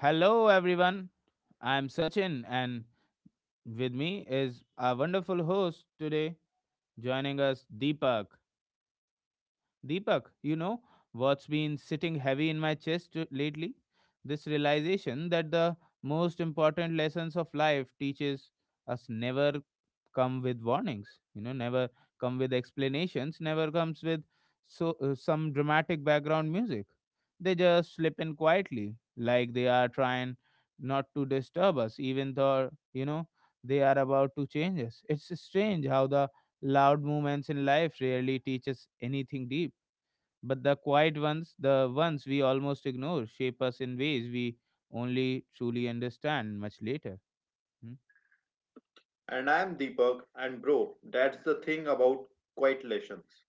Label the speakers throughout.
Speaker 1: Hello, everyone. I'm Sachin, and with me is our wonderful host today, joining us, Deepak. Deepak, you know what's been sitting heavy in my chest lately? This realization that the most important lessons of life teaches us never come with warnings, never come with explanations, never comes with some dramatic background music. They just slip in quietly, like they are trying not to disturb us, even though they are about to change us. It's strange how the loud movements in life rarely teach us anything deep but the quiet ones, the ones we almost ignore, shape us in ways we only truly understand much later. Hmm?
Speaker 2: And I'm Deepak, and bro, that's the thing about quiet lessons.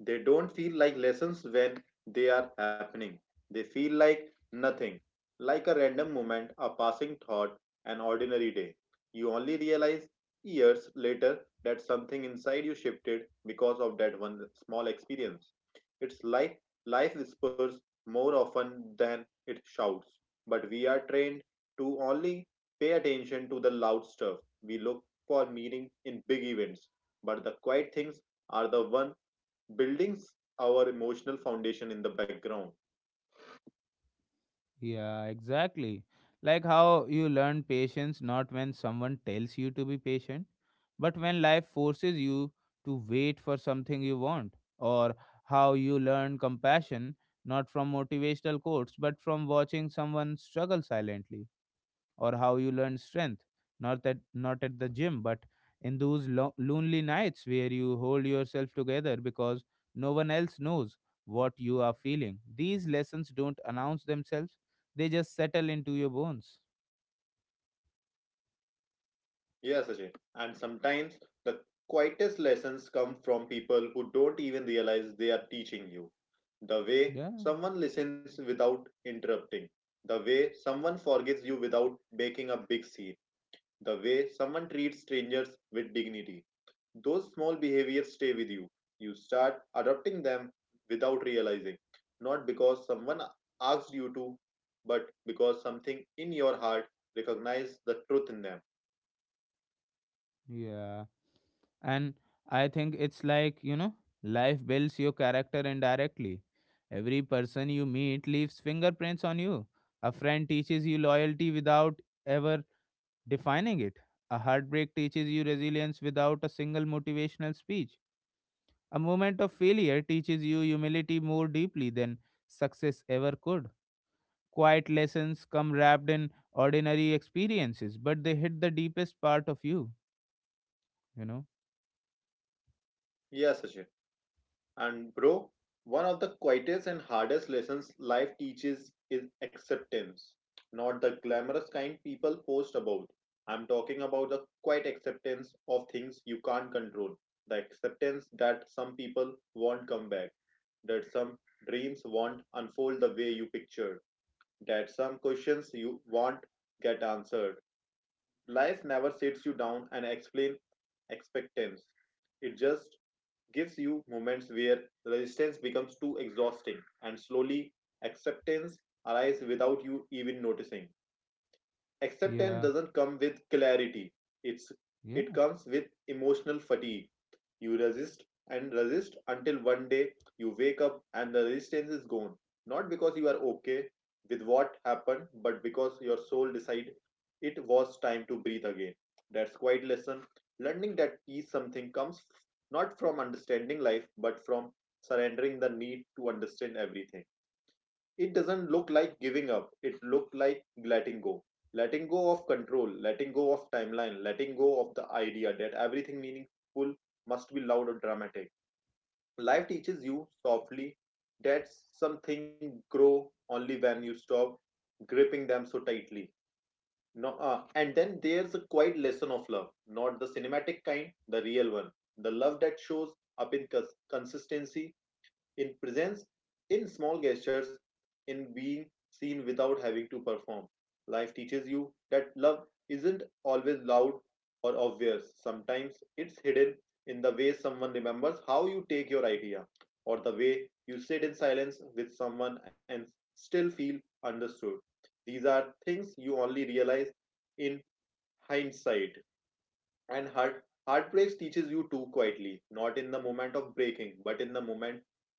Speaker 2: They don't feel like lessons when they are happening. They feel like nothing, like a random moment, a passing thought, an ordinary day. You only realize years later that something inside you shifted because of that one small experience. It's like life whispers more often than it shouts, but we are trained to only pay attention to the loud stuff. We look for meaning in big events, but the quiet things are the one building our emotional foundation in the background.
Speaker 1: Yeah, exactly. Like how you learn patience not when someone tells you to be patient, but when life forces you to wait for something you want. Or how you learn compassion not from motivational quotes, but from watching someone struggle silently, or how you learn strength not at the gym but in those lonely nights where you hold yourself together because no one else knows what you are feeling. These lessons don't announce themselves, they just settle into your bones.
Speaker 2: Yeah, Sachin. And sometimes the quietest lessons come from people who don't even realize they are teaching you. The way
Speaker 1: Yeah,
Speaker 2: someone listens without interrupting, the way someone forgives you without making a big scene, the way someone treats strangers with dignity. Those small behaviors stay with you. You start adopting them without realizing, not because someone asked you to, but because something in your heart recognizes the truth in them.
Speaker 1: yeah, and I think it's like, life builds your character indirectly. Every person you meet leaves fingerprints on you. A friend teaches you loyalty without ever defining it. A heartbreak teaches you resilience without a single motivational speech. A moment of failure teaches you humility more deeply than success ever could. Quiet lessons come wrapped in ordinary experiences, but they hit the deepest part of you, you know?
Speaker 2: Yes, Sachin. And bro, one of the quietest and hardest lessons life teaches is acceptance. Not the glamorous kind people post about. I'm talking about the quiet acceptance of things you can't control. The acceptance that some people won't come back, that some dreams won't unfold the way you pictured, that some questions you won't get answered. Life never sits you down and explains expectations. It just gives you moments where resistance becomes too exhausting, and slowly acceptance arises without you even noticing. Acceptance
Speaker 1: Yeah,
Speaker 2: doesn't come with clarity. It's it
Speaker 1: yeah,
Speaker 2: comes with emotional fatigue. You resist and resist until one day you wake up and the resistance is gone. Not because you are okay with what happened, but because your soul decided it was time to breathe again. That's quite lesson. Learning that peace something comes not from understanding life, but from surrendering the need to understand everything. It doesn't look like giving up, it looked like letting go, letting go of control, letting go of timeline, letting go of the idea that everything meaningful must be loud or dramatic. Life teaches you softly that something grow only when you stop gripping them so tightly. No, and then there's a quiet lesson of love, not the cinematic kind, the real one, the love that shows up in consistency, in presence, in small gestures, in being seen without having to perform. Life teaches you that love isn't always loud or obvious. Sometimes it's hidden in the way someone remembers how you take your idea, or the way you sit in silence with someone and still feel understood. These are things you only realize in hindsight. And heartbreaks teaches you too quietly, not in the moment of breaking, but in the moment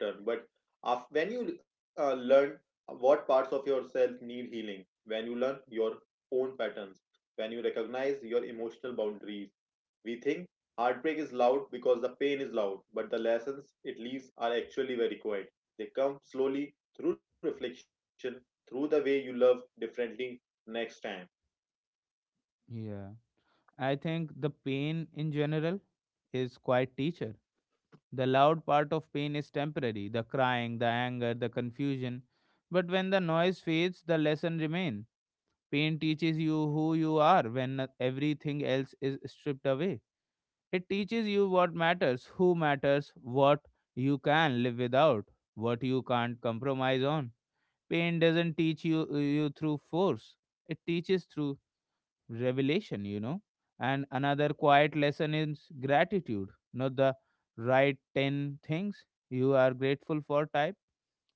Speaker 2: after, but after when you learn what parts of yourself need healing, when you learn your own patterns, when you recognize your emotional boundaries. We think heartbreak is loud because the pain is loud, but the lessons it leaves are actually very quiet. They come slowly through reflection, through the way you love differently next time.
Speaker 1: yeah. I think the pain in general is quite teacher. The loud part of pain is temporary, the crying, the anger, the confusion. But when the noise fades, the lesson remains. Pain teaches you who you are when everything else is stripped away. It teaches you what matters, who matters, what you can live without, what you can't compromise on. Pain doesn't teach you through force. It teaches through revelation. And another quiet lesson is gratitude, not the right 10 things you are grateful for type,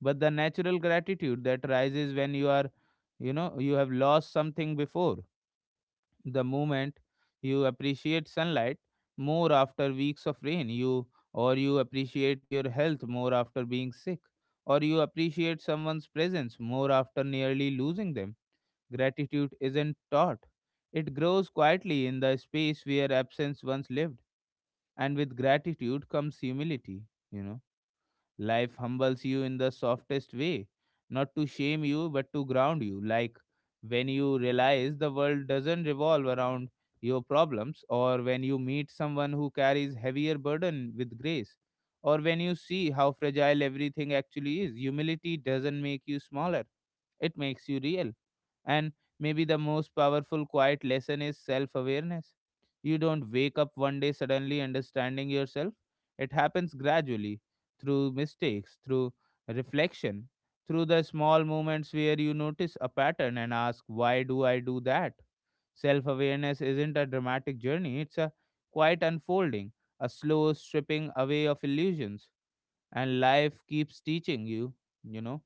Speaker 1: but the natural gratitude that rises when you are you know you have lost something before. The moment you appreciate sunlight more after weeks of rain, you, or you appreciate your health more after being sick, or you appreciate someone's presence more after nearly losing them. Gratitude isn't taught, it grows quietly in the space where absence once lived. And with gratitude comes humility you know Life humbles you in the softest way, not to shame you, but to ground you. Like when you realize the world doesn't revolve around your problems, or when you meet someone who carries heavier burden with grace, or when you see how fragile everything actually is. Humility doesn't make you smaller, it makes you real. And maybe the most powerful quiet lesson is self awareness. You don't wake up one day suddenly understanding yourself. It happens gradually through mistakes, through reflection, through the small moments where you notice a pattern and ask, why do I do that? Self awareness isn't a dramatic journey, it's a quiet unfolding, a slow stripping away of illusions. And life keeps teaching you you know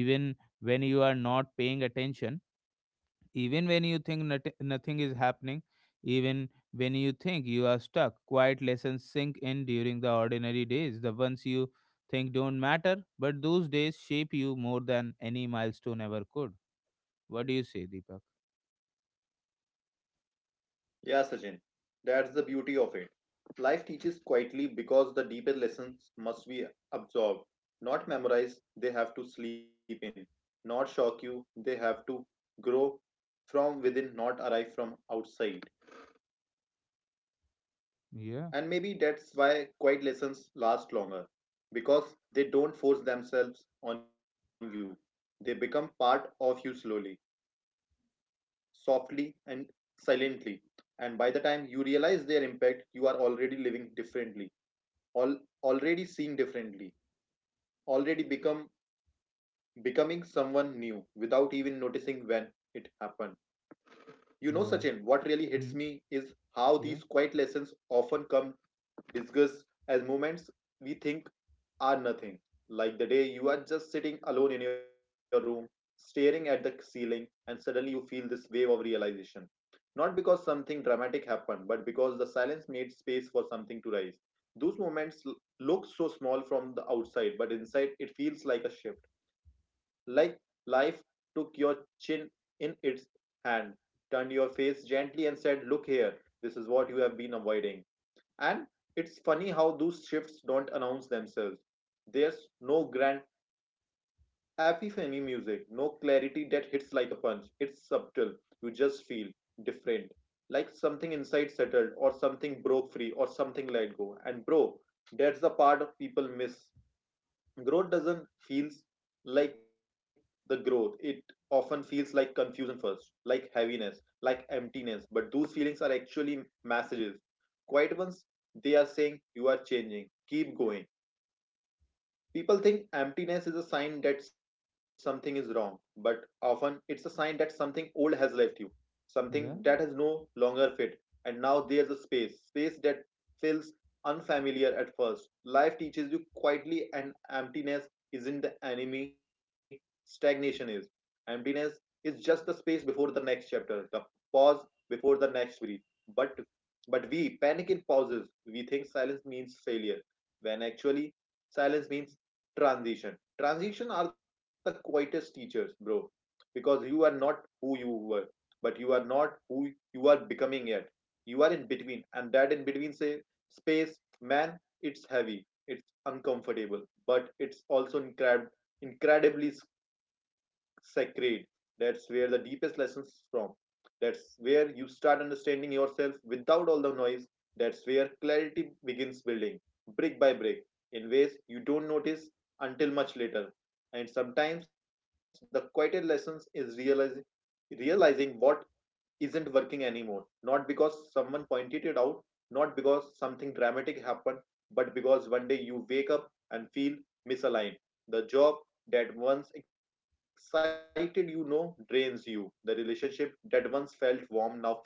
Speaker 1: even when you are not paying attention, even when you think nothing is happening, even when you think you are stuck. Quiet lessons sink in during the ordinary days, the ones you think don't matter, but those days shape you more than any milestone ever could. What do you say, Deepak?
Speaker 2: Yeah, Sachin, that's the beauty of it. Life teaches quietly because the deeper lessons must be absorbed, not memorized, they have to sleep in, not shock you, they have to grow from within, not arrive from outside.
Speaker 1: Yeah,
Speaker 2: And maybe that's why quiet lessons last longer, because they don't force themselves on you, they become part of you slowly, softly, and silently. And by the time you realize their impact, you are already living differently, all already seeing differently, already become becoming someone new without even noticing when it happened. You know,
Speaker 1: yeah.
Speaker 2: Sachin, what really
Speaker 1: Hmm?
Speaker 2: hits me is how
Speaker 1: Yeah,
Speaker 2: these quiet lessons often come disguised as moments we think are nothing, like the day you are just sitting alone in your room, staring at the ceiling, and suddenly you feel this wave of realization. Not because something dramatic happened, but because the silence made space for something to rise. Those moments look so small from the outside, but inside it feels like a shift. Like life took your chin in its hand, turned your face gently, and said, "Look here, this is what you have been avoiding." And it's funny how those shifts don't announce themselves. There's no grand epiphany music, no clarity that hits like a punch. It's subtle. You just feel different. Like something inside settled, or something broke free, or something let go. And bro, that's the part of people miss. Growth doesn't feel like the growth, it often feels like confusion first, like heaviness, like emptiness, but those feelings are actually messages, quiet ones. They are saying you are changing, keep going. People think emptiness is a sign that something is wrong, but often it's a sign that something old has left you, something that has
Speaker 1: yeah,
Speaker 2: no longer fit, and now there's a space, space that feels unfamiliar at first. Life teaches you quietly, and emptiness isn't the enemy, stagnation is. Emptiness is just the space before the next chapter, the pause before the next breath. But but we panic in pauses. We think silence means failure, when actually silence means transition. Transition are the quietest teachers, bro, because you are not who you were, but you are not who you are becoming yet. You are in between, and that in between say space, man, it's heavy, it's uncomfortable, but it's also incredibly sacred. That's where the deepest lessons from, that's where you start understanding yourself without all the noise, that's where clarity begins building, brick by brick, in ways you don't notice until much later. And sometimes the quiet lessons is realizing what isn't working anymore. Not because someone pointed it out, not because something dramatic happened, but because one day you wake up and feel misaligned. The job that once excited you now drains you. The relationship that once felt warm now feels distant.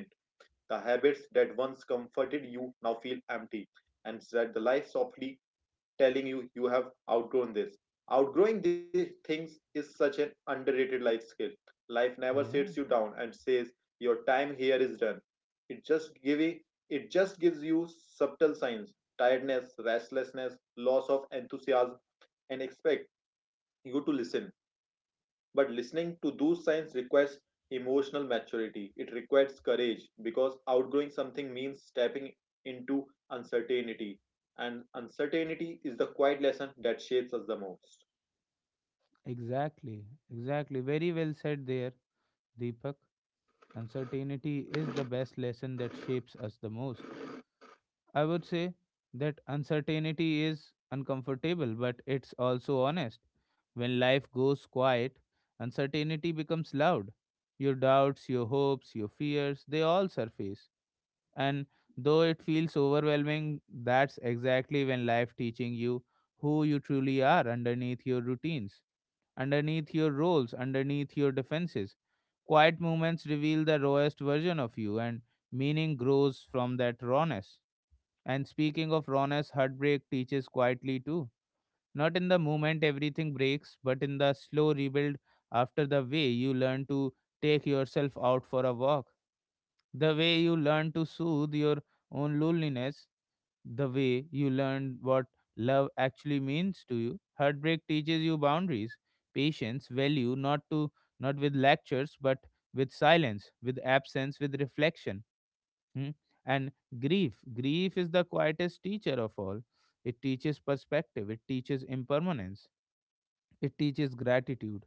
Speaker 2: The habits that once comforted you now feel empty. And that the life softly telling you you have outgrown this. Outgrowing these things is such an underrated life skill. Life never
Speaker 1: yeah.
Speaker 2: sits you down and says your time here is done. It just gives you subtle signs, tiredness, restlessness, loss of enthusiasm, and expect you to listen. But listening to those signs requires emotional maturity. It requires courage, because outgrowing something means stepping into uncertainty. And uncertainty is the quiet lesson that shapes us the most.
Speaker 1: Exactly, exactly, very well said there, Deepak. Uncertainty is the best lesson that shapes us the most. I would say that uncertainty is uncomfortable, but it's also honest. When life goes quiet, uncertainty becomes loud. Your doubts, your hopes, your fears, they all surface. And though it feels overwhelming, that's exactly when life teaching you who you truly are underneath your routines, underneath your roles, underneath your defenses. Quiet moments reveal the rawest version of you, and meaning grows from that rawness. And speaking of rawness, heartbreak teaches quietly too. Not in the moment everything breaks, but in the slow rebuild after. The way you learn to take yourself out for a walk, the way you learn to soothe your own loneliness, the way you learn what love actually means to you. Heartbreak teaches you boundaries, patience, value, not with lectures, but with silence, with absence, with reflection. Hmm? And grief. Grief is the quietest teacher of all. It teaches perspective, it teaches impermanence, it teaches gratitude.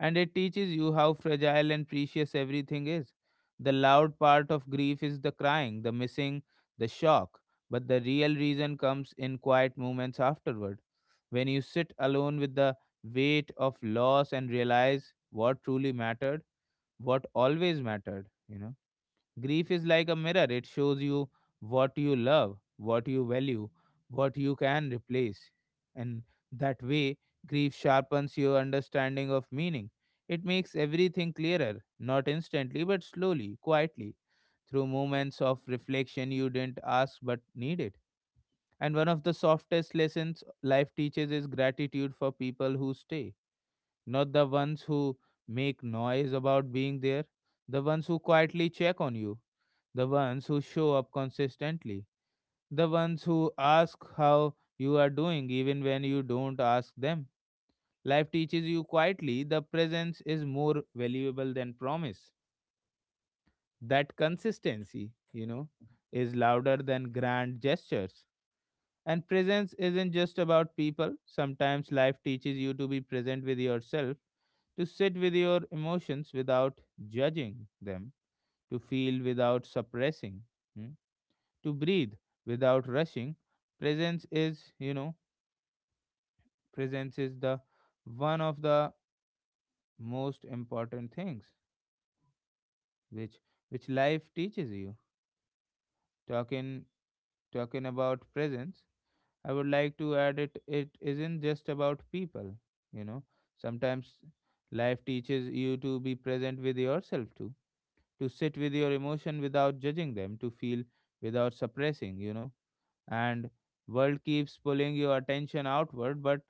Speaker 1: And it teaches you how fragile and precious everything is. The loud part of grief is the crying, the missing, the shock. But the real reason comes in quiet moments afterward. When you sit alone with the weight of loss and realize what truly mattered, what always mattered. Grief is like a mirror, it shows you what you love, what you value, what you can replace. And that way, grief sharpens your understanding of meaning. It makes everything clearer, not instantly, but slowly, quietly, through moments of reflection you didn't ask but needed. And one of the softest lessons life teaches is gratitude for people who stay, not the ones who make noise about being there, the ones who quietly check on you, the ones who show up consistently, the ones who ask how you are doing even when you don't ask them. Life teaches you quietly the presence is more valuable than promise. That consistency is louder than grand gestures. And presence isn't just about people. Sometimes life teaches you to be present with yourself, to sit with your emotions without judging them, to feel without suppressing. Hmm? To breathe without rushing. Presence is, you know, Presence is the one of the most important things which which life teaches you. Talking Talking about presence, I would like to add it isn't just about people, you know. Sometimes life teaches you to be present with yourself too, to sit with your emotion without judging them, to feel without suppressing. And world keeps pulling your attention outward but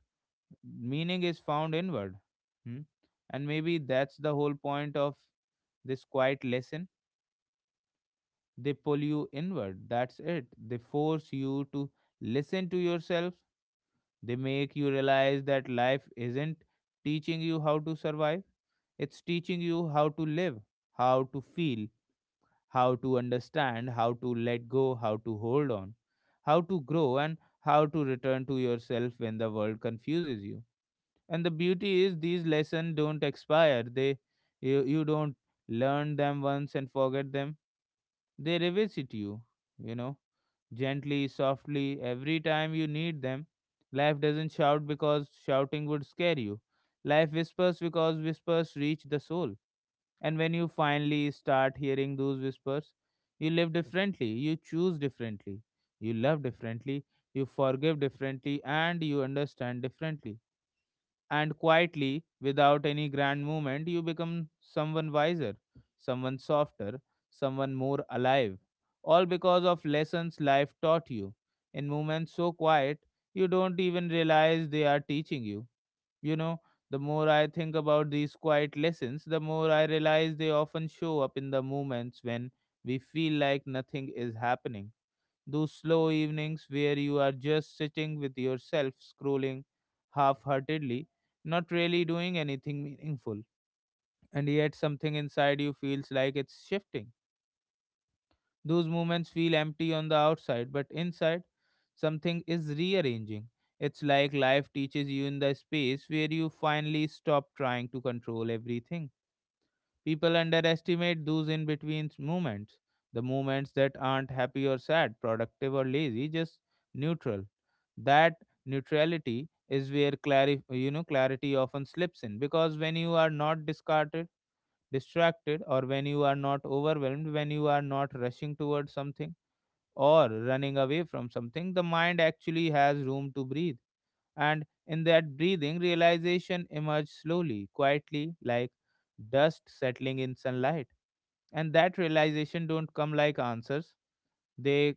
Speaker 1: meaning is found inward. Hmm? And maybe that's the whole point of this quiet lesson. They pull you inward. That's it. They force you to listen to yourself. They make you realize that life isn't teaching you how to survive, it's teaching you how to live, how to feel, how to understand, how to let go, how to hold on, how to grow, and how to return to yourself when the world confuses you. And the beauty is these lessons don't expire. You don't learn them once and forget them, they revisit you you know gently, softly, every time you need them. Life doesn't shout because shouting would scare you. Life whispers because whispers reach the soul. And when you finally start hearing those whispers, you live differently, you choose differently, you love differently, you forgive differently, and you understand differently. And quietly, without any grand movement, you become someone wiser, someone softer, someone more alive. All because of lessons life taught you. In moments so quiet, you don't even realize they are teaching you. You know, the more I think about these quiet lessons, the more I realize they often show up in the moments when we feel like nothing is happening. Those slow evenings where you are just sitting with yourself, scrolling half heartedly, not really doing anything meaningful, and yet something inside you feels like it's shifting. Those moments feel empty on the outside, but inside, something is rearranging. It's like life teaches you in the space where you finally stop trying to control everything. People underestimate those in between moments, the moments that aren't happy or sad, productive or lazy, just neutral. That neutrality is where clarity often slips in because when you are not discarded, distracted, or when you are not overwhelmed, when you are not rushing towards something or running away from something, the mind actually has room to breathe. And in that breathing, realization emerged slowly, quietly, like dust settling in sunlight. And that realization don't come like answers. They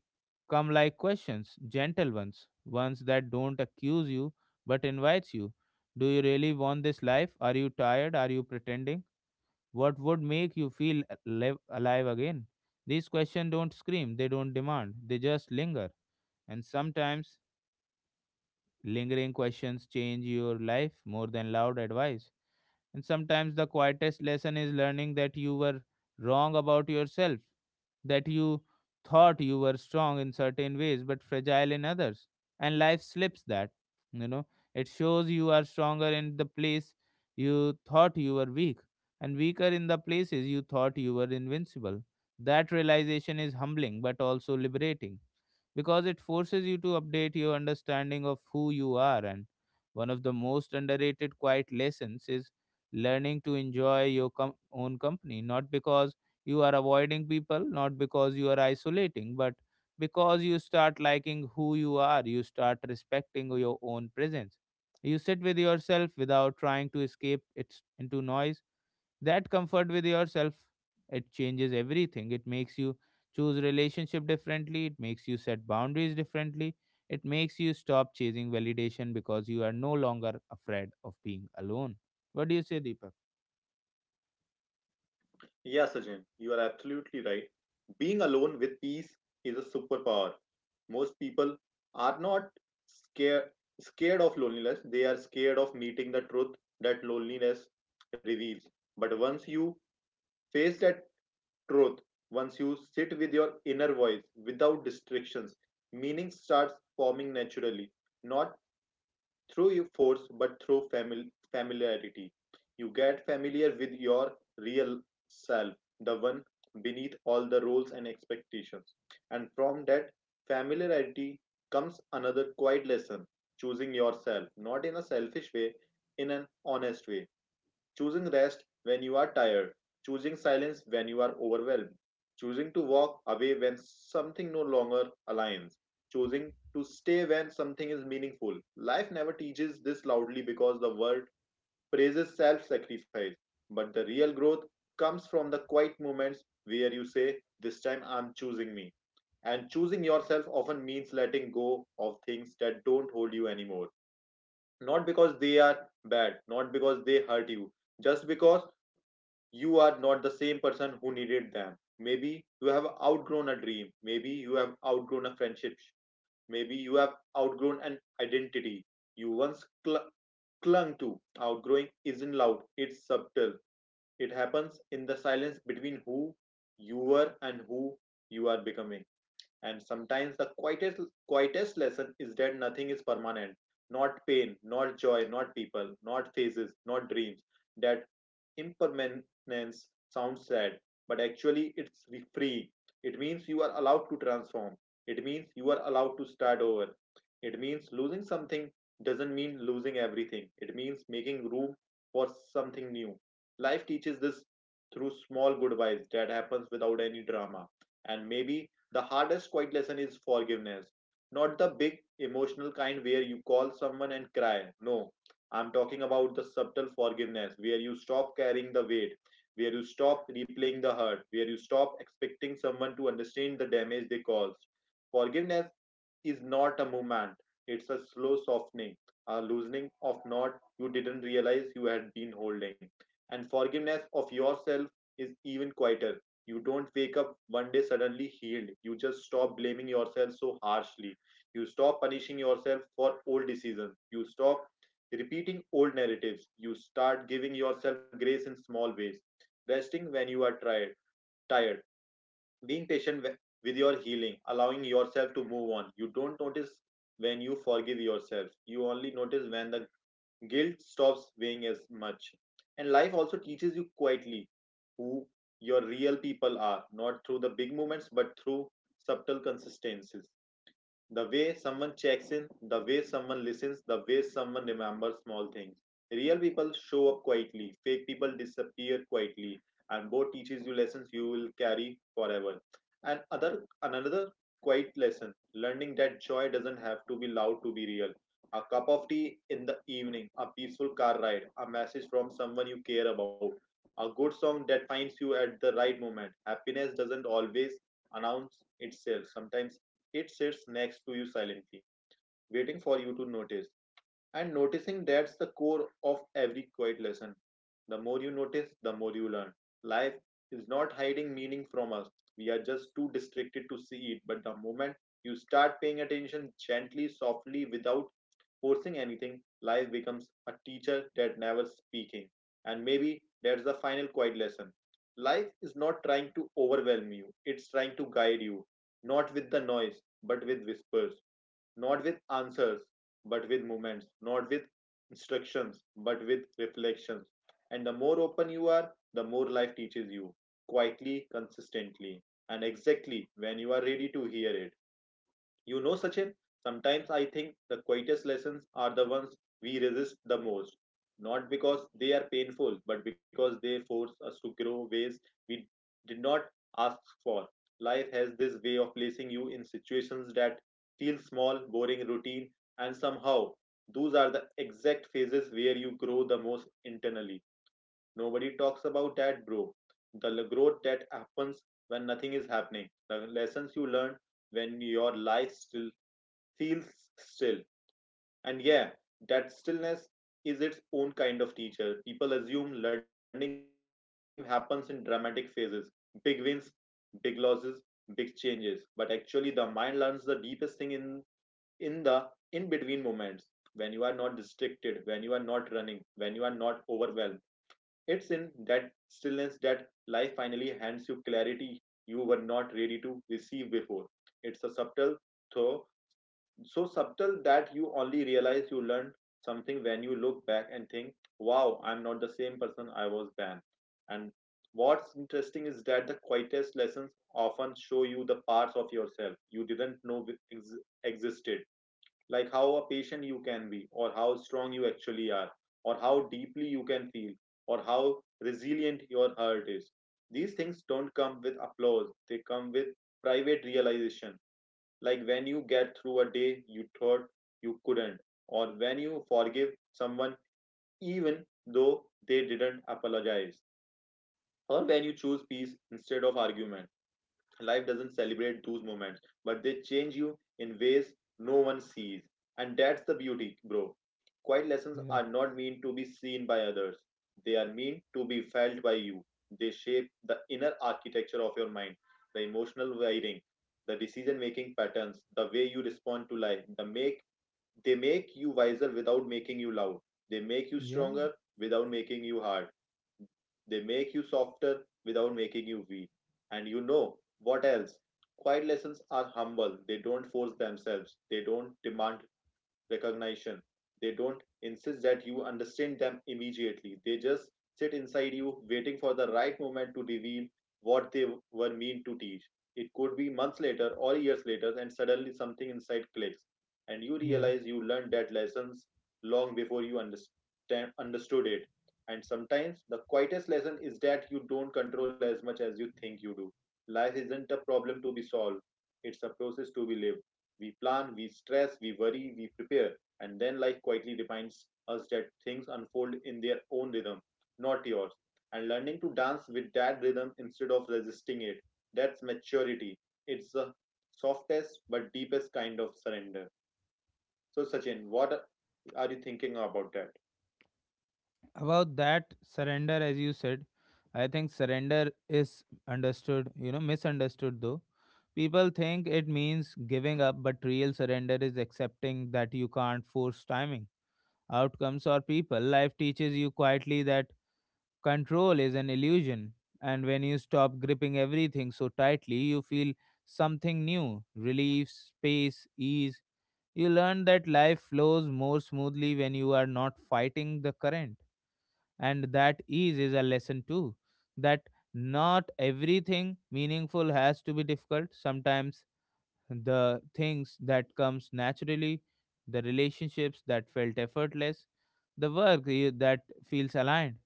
Speaker 1: come like questions, gentle ones, ones that don't accuse you but invites you. Do you really want this life? Are you tired? Are you pretending? What would make you feel alive again? These questions don't scream, they don't demand, they just linger. And sometimes lingering questions change your life more than loud advice. And sometimes the quietest lesson is learning that you were wrong about yourself, that you thought you were strong in certain ways but fragile in others. And life slips that, you know, it shows you are stronger in the place you thought you were weak, and weaker in the places you thought you were invincible. That realization is humbling but also liberating because it forces you to update your understanding of who you are. And one of the most underrated quiet lessons is learning to enjoy your own company, not because you are avoiding people, not because you are isolating, but because you start liking who you are, you start respecting your own presence. You sit with yourself without trying to escape it into noise. That comfort with yourself, it changes everything. It makes you choose relationship differently, it makes you set boundaries differently, it makes you stop chasing validation because you are no longer afraid of being alone. What do you say, Deepak?
Speaker 2: Yeah, Sajin, you are absolutely right. Being alone with peace is a superpower. Most people are not scared scared of loneliness. They are scared of meeting the truth that loneliness reveals. But once you face that truth, once you sit with your inner voice without distractions, meaning starts forming naturally, not through your force but through familiarity. You get familiar with your real self, the one beneath all the roles and expectations. And from that familiarity comes another quiet lesson, choosing yourself, not in a selfish way, in an honest way. Choosing rest when you are tired, choosing silence when you are overwhelmed, choosing to walk away when something no longer aligns, choosing to stay when something is meaningful. Life never teaches this loudly because the world praises self sacrifice, but the real growth comes from the quiet moments where you say, "This time I'm choosing me." And choosing yourself often means letting go of things that don't hold you anymore. Not because they are bad, not because they hurt you, just because you are not the same person who needed them. Maybe you have outgrown a dream. Maybe you have outgrown a friendship. Maybe you have outgrown an identity you once clung to. Outgrowing isn't loud, it's subtle. It happens in the silence between who you were and who you are becoming. And sometimes the quietest lesson is that nothing is permanent. Not pain, not joy, not people, not phases, not dreams. That impermanence sounds sad, but actually it's free. It means you are allowed to transform. It means you are allowed to start over. It means losing something doesn't mean losing everything. It means making room for something new. Life teaches this through small goodbyes that happens without any drama. And maybe the hardest quiet lesson is forgiveness. Not the big emotional kind where you call someone and cry. No, I'm talking about the subtle forgiveness where you stop carrying the weight, where you stop replaying the hurt, where you stop expecting someone to understand the damage they caused. Forgiveness is not a movement. It's a slow softening, a loosening of knot you didn't realize you had been holding. And forgiveness of yourself is even quieter. You don't wake up one day suddenly healed. You just stop blaming yourself so harshly. You stop punishing yourself for old decisions. You stop repeating old narratives. You start giving yourself grace in small ways. Resting when you are tired, being patient with your healing, allowing yourself to move on. You don't notice when you forgive yourself. You only notice when the guilt stops weighing as much. And life also teaches you quietly who your real people are, not through the big moments, but through subtle consistencies. The way someone checks in, the way someone listens, the way someone remembers small things. Real people show up quietly, fake people disappear quietly, and both teaches you lessons you will carry forever. And other another quiet lesson, learning that joy doesn't have to be loud to be real. A cup of tea in the evening, a peaceful car ride, a message from someone you care about, a good song that finds you at the right moment. Happiness doesn't always announce itself. Sometimes it sits next to you silently, waiting for you to notice, and noticing, that's the core of every quiet lesson. The more you notice, the more you learn. Life is not hiding meaning from us. We are just too distracted to see it. But the moment you start paying attention gently, softly, without forcing anything, life becomes a teacher that never speaking. And maybe that's the final quiet lesson. Life is not trying to overwhelm you, it's trying to guide you, not with the noise, but with whispers, not with answers, but with moments, not with instructions, but with reflections. And the more open you are, the more life teaches you, quietly, consistently, and exactly when you are ready to hear it. You know, Sachin, sometimes I think the quietest lessons are the ones we resist the most. Not because they are painful, but because they force us to grow ways we did not ask for. Life has this way of placing you in situations that feel small, boring, routine, and somehow those are the exact phases where you grow the most internally. Nobody talks about that, bro. The growth that happens when nothing is happening, the lessons you learn when your life still feels still. And yeah, that stillness is its own kind of teacher. People assume learning happens in dramatic phases, big wins, big losses, big changes. But actually, the mind learns the deepest thing in the in between moments when you are not distracted, when you are not running, when you are not overwhelmed. It's in that stillness that life finally hands you clarity you were not ready to receive before. It's a subtle, though so subtle that you only realize you learned something when you look back and think, wow, I'm not the same person I was then. And what's interesting is that the quietest lessons often show you the parts of yourself you didn't know ex- existed, like how patient you can be, or how strong you actually are, or how deeply you can feel, or how resilient your heart is. These things don't come with applause, they come with private realization, like when you get through a day you thought you couldn't, or when you forgive someone even though they didn't apologize, or when you choose peace instead of argument. Life doesn't celebrate those moments, but they change you in ways no one sees. And that's the beauty, bro. Quiet lessons
Speaker 1: Yeah,
Speaker 2: are not meant to be seen by others, they are meant to be felt by you. They shape the inner architecture of your mind, the emotional wiring, the decision making patterns, the way you respond to life, they make you wiser without making you loud. They make you
Speaker 1: yeah,
Speaker 2: stronger without making you hard. They make you softer without making you weak. And you know what else? Quiet lessons are humble. They don't force themselves. They don't demand recognition. They don't insist that you understand them immediately. They just sit inside you, waiting for the right moment to reveal what they were meant to teach. It could be months later or years later, and suddenly something inside clicks, and you
Speaker 1: yeah.
Speaker 2: realize you learned that lessons long before you understood it. And sometimes the quietest lesson is that you don't control as much as you think you do. Life isn't a problem to be solved, it's a process to be lived. We plan, we stress, we worry, we prepare, and then life quietly reminds us that things unfold in their own rhythm, not yours. And learning to dance with that rhythm instead of resisting it, that's maturity. It's the softest but deepest kind of surrender. So, Sachin, you thinking about that?
Speaker 1: About that surrender, as you said, I think surrender is understood, misunderstood though. People think it means giving up, but real surrender is accepting that you can't force timing, outcomes, or people. Life teaches you quietly that control is an illusion. And when you stop gripping everything so tightly, you feel something new: relief, space, ease. You learn that life flows more smoothly when you are not fighting the current. And that ease is a lesson too. That not everything meaningful has to be difficult. Sometimes the things that comes naturally, the relationships that felt effortless, the work that feels aligned,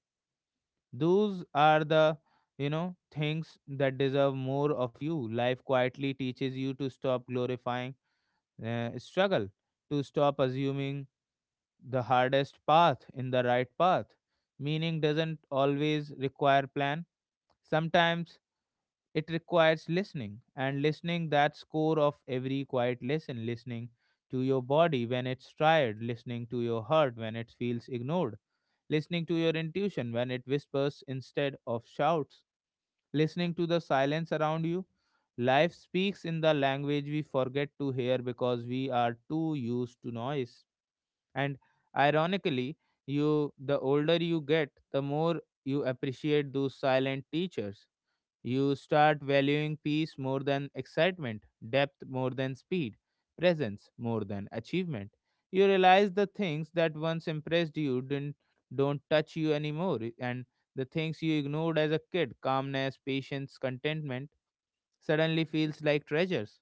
Speaker 1: those are the, things that deserve more of you. Life quietly teaches you to stop glorifying struggle, to stop assuming the hardest path in the right path. Meaning doesn't always require plan. Sometimes it requires listening. And listening, that's core of every quiet lesson. Listening to your body when it's tired, listening to your heart when it feels ignored, listening to your intuition when it whispers instead of shouts, listening to the silence around you. Life speaks in the language we forget to hear because we are too used to noise. And ironically, you the older you get, the more you appreciate those silent teachers. You start valuing peace more than excitement, depth more than speed, presence more than achievement. You realize the things that once impressed you didn't don't touch you anymore, and the things you ignored as a kid, calmness, patience, contentment, suddenly feels like treasures.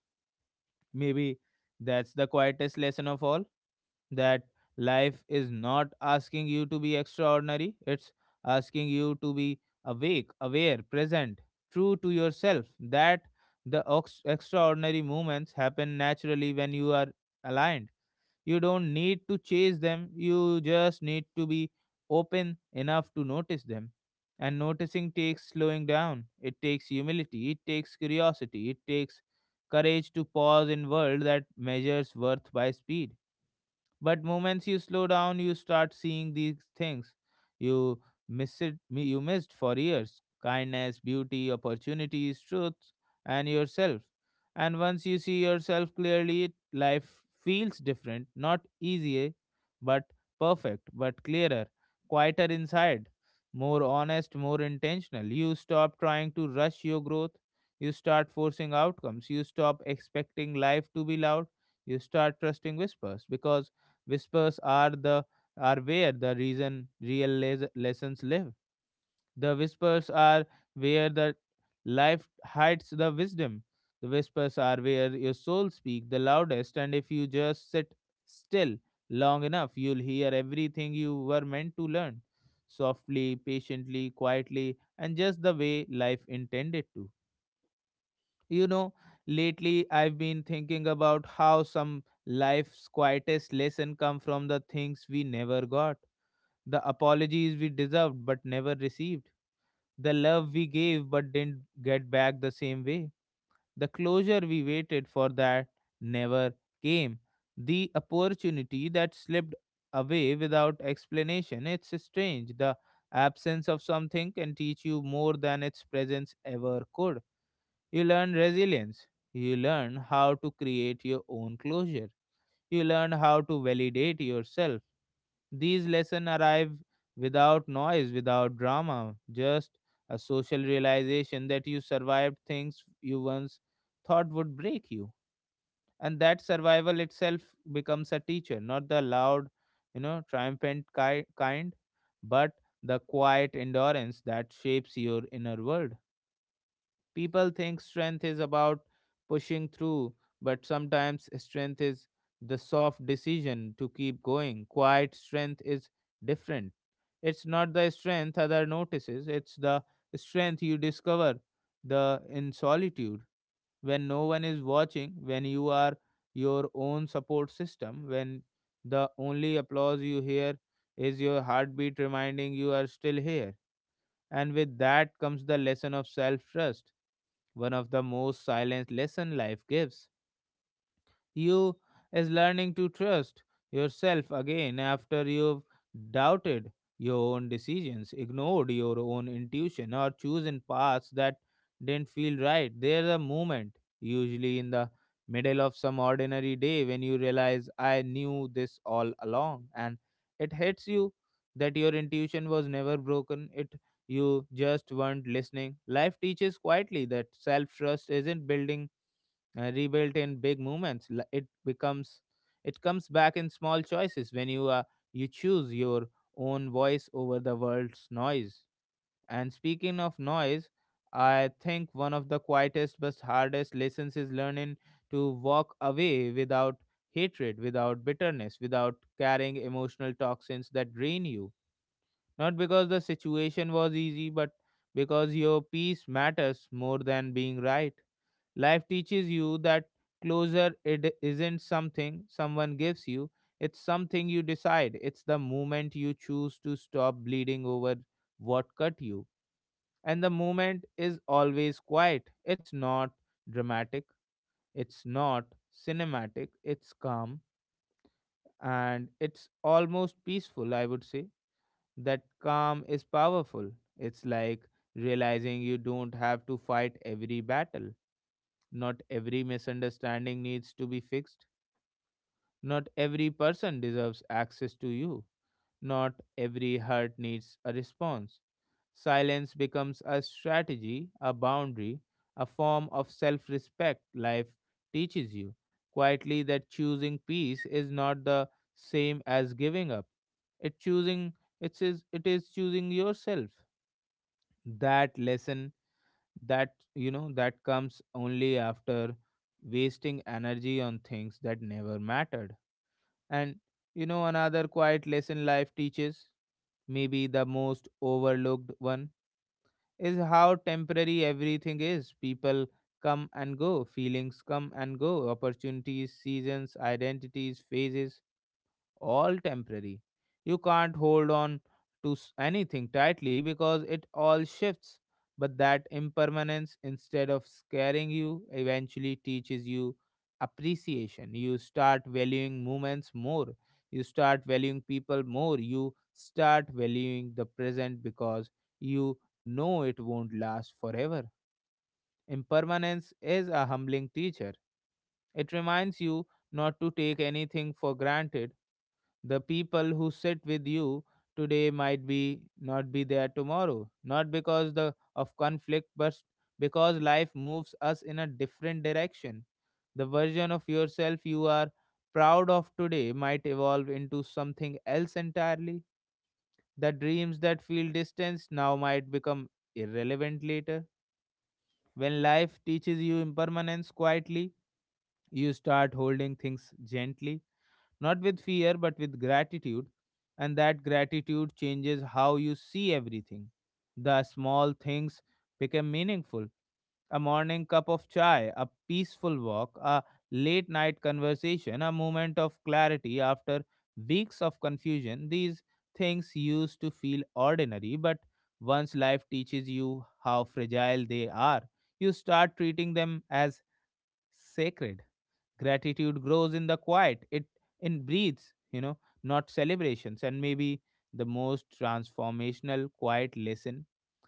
Speaker 1: Maybe that's the quietest lesson of all, that life is not asking you to be extraordinary, it's asking you to be awake, aware, present, true to yourself. That the extraordinary moments happen naturally when you are aligned. You don't need to chase them, you just need to be open enough to notice them. And noticing takes slowing down, it takes humility, it takes curiosity, it takes courage to pause in world that measures worth by speed. But moments you slow down, you start seeing these things you you missed for years: kindness, beauty, opportunities, truth, and yourself. And once you see yourself clearly, life feels different. Not easy, eh, but perfect, but clearer, quieter inside, more honest, more intentional. You stop trying to rush your growth, you start forcing outcomes, you stop expecting life to be loud, you start trusting whispers. Because whispers are the are where the reason lessons live. The whispers are where the life hides the wisdom. The whispers are where your soul speak the loudest, and if you just sit still long enough, you'll hear everything you were meant to learn softly, patiently, quietly, and just the way life intended to. You know, lately I've been thinking about how some life's quietest lesson come from the things we never got: the apologies we deserved but never received, the love we gave but didn't get back the same way, the closure we waited for that never came, the opportunity that slipped away without explanation. It's strange. The absence of something can teach you more than its presence ever could. You learn resilience. You learn how to create your own closure. You learn how to validate yourself. These lessons arrive without noise, without drama, just a social realization that you survived things you once thought would break you. And that survival itself becomes a teacher. Not the loud, triumphant kind, but the quiet endurance that shapes your inner world. People think strength is about pushing through, but sometimes strength is the soft decision to keep going. Quiet strength is different. It's not the strength other notices, it's the strength you discover the in solitude, when no one is watching, when you are your own support system, when the only applause you hear is your heartbeat reminding you are still here. And with that comes the lesson of self trust. One of the most silent lesson life gives you is learning to trust yourself again after you've doubted your own decisions, ignored your own intuition, or chosen paths that didn't feel right. There's a moment, usually in the middle of some ordinary day, when you realize I knew this all along, and it hits you that your intuition was never broken. It, you just weren't listening. Life teaches quietly that self trust isn't building rebuilt in big moments. It comes back in small choices when you choose your own voice over the world's noise. And speaking of noise, I think one of the quietest but hardest lessons is learning to walk away without hatred, without bitterness, without carrying emotional toxins that drain you. Not because the situation was easy, but because your peace matters more than being right. Life teaches you that closure, it isn't something someone gives you, it's something you decide. It's the moment you choose to stop bleeding over what cut you. And the moment is always quiet. It's not dramatic, it's not cinematic, it's calm, and it's almost peaceful, I would say. That calm is powerful. It's like realizing you don't have to fight every battle. Not every misunderstanding needs to be fixed. Not every person deserves access to you. Not every hurt needs a response. Silence becomes a strategy, a boundary, a form of self respect life teaches you. Quietly, that choosing peace is not the same as giving up. It choosing it is choosing yourself. That lesson, that you know that comes only after wasting energy on things that never mattered. And another quiet lesson life teaches, maybe the most overlooked one, is how temporary everything is. People come and go, feelings come and go, opportunities, seasons, identities, phases, all temporary. You can't hold on to anything tightly because it all shifts. But that impermanence, instead of scaring you, eventually teaches you appreciation. You start valuing moments more. You start valuing people more. You start valuing the present because you know it won't last forever. Impermanence is a humbling teacher. It reminds you not to take anything for granted. The people who sit with you today might be not be there tomorrow, not because the of conflict, but because life moves us in a different direction. The version of yourself you are proud of today might evolve into something else entirely. The dreams that feel distant now might become irrelevant later. When life teaches you impermanence quietly, you start holding things gently, not with fear, but with gratitude. And that gratitude changes how you see everything. The small things become meaningful: a morning cup of chai, a peaceful walk, a late night conversation, a moment of clarity after weeks of confusion. These things used to feel ordinary, but once life teaches you how fragile they are, you start treating them as sacred. Gratitude grows in the quiet, it in breathes, not celebrations. And maybe the most transformational quiet lesson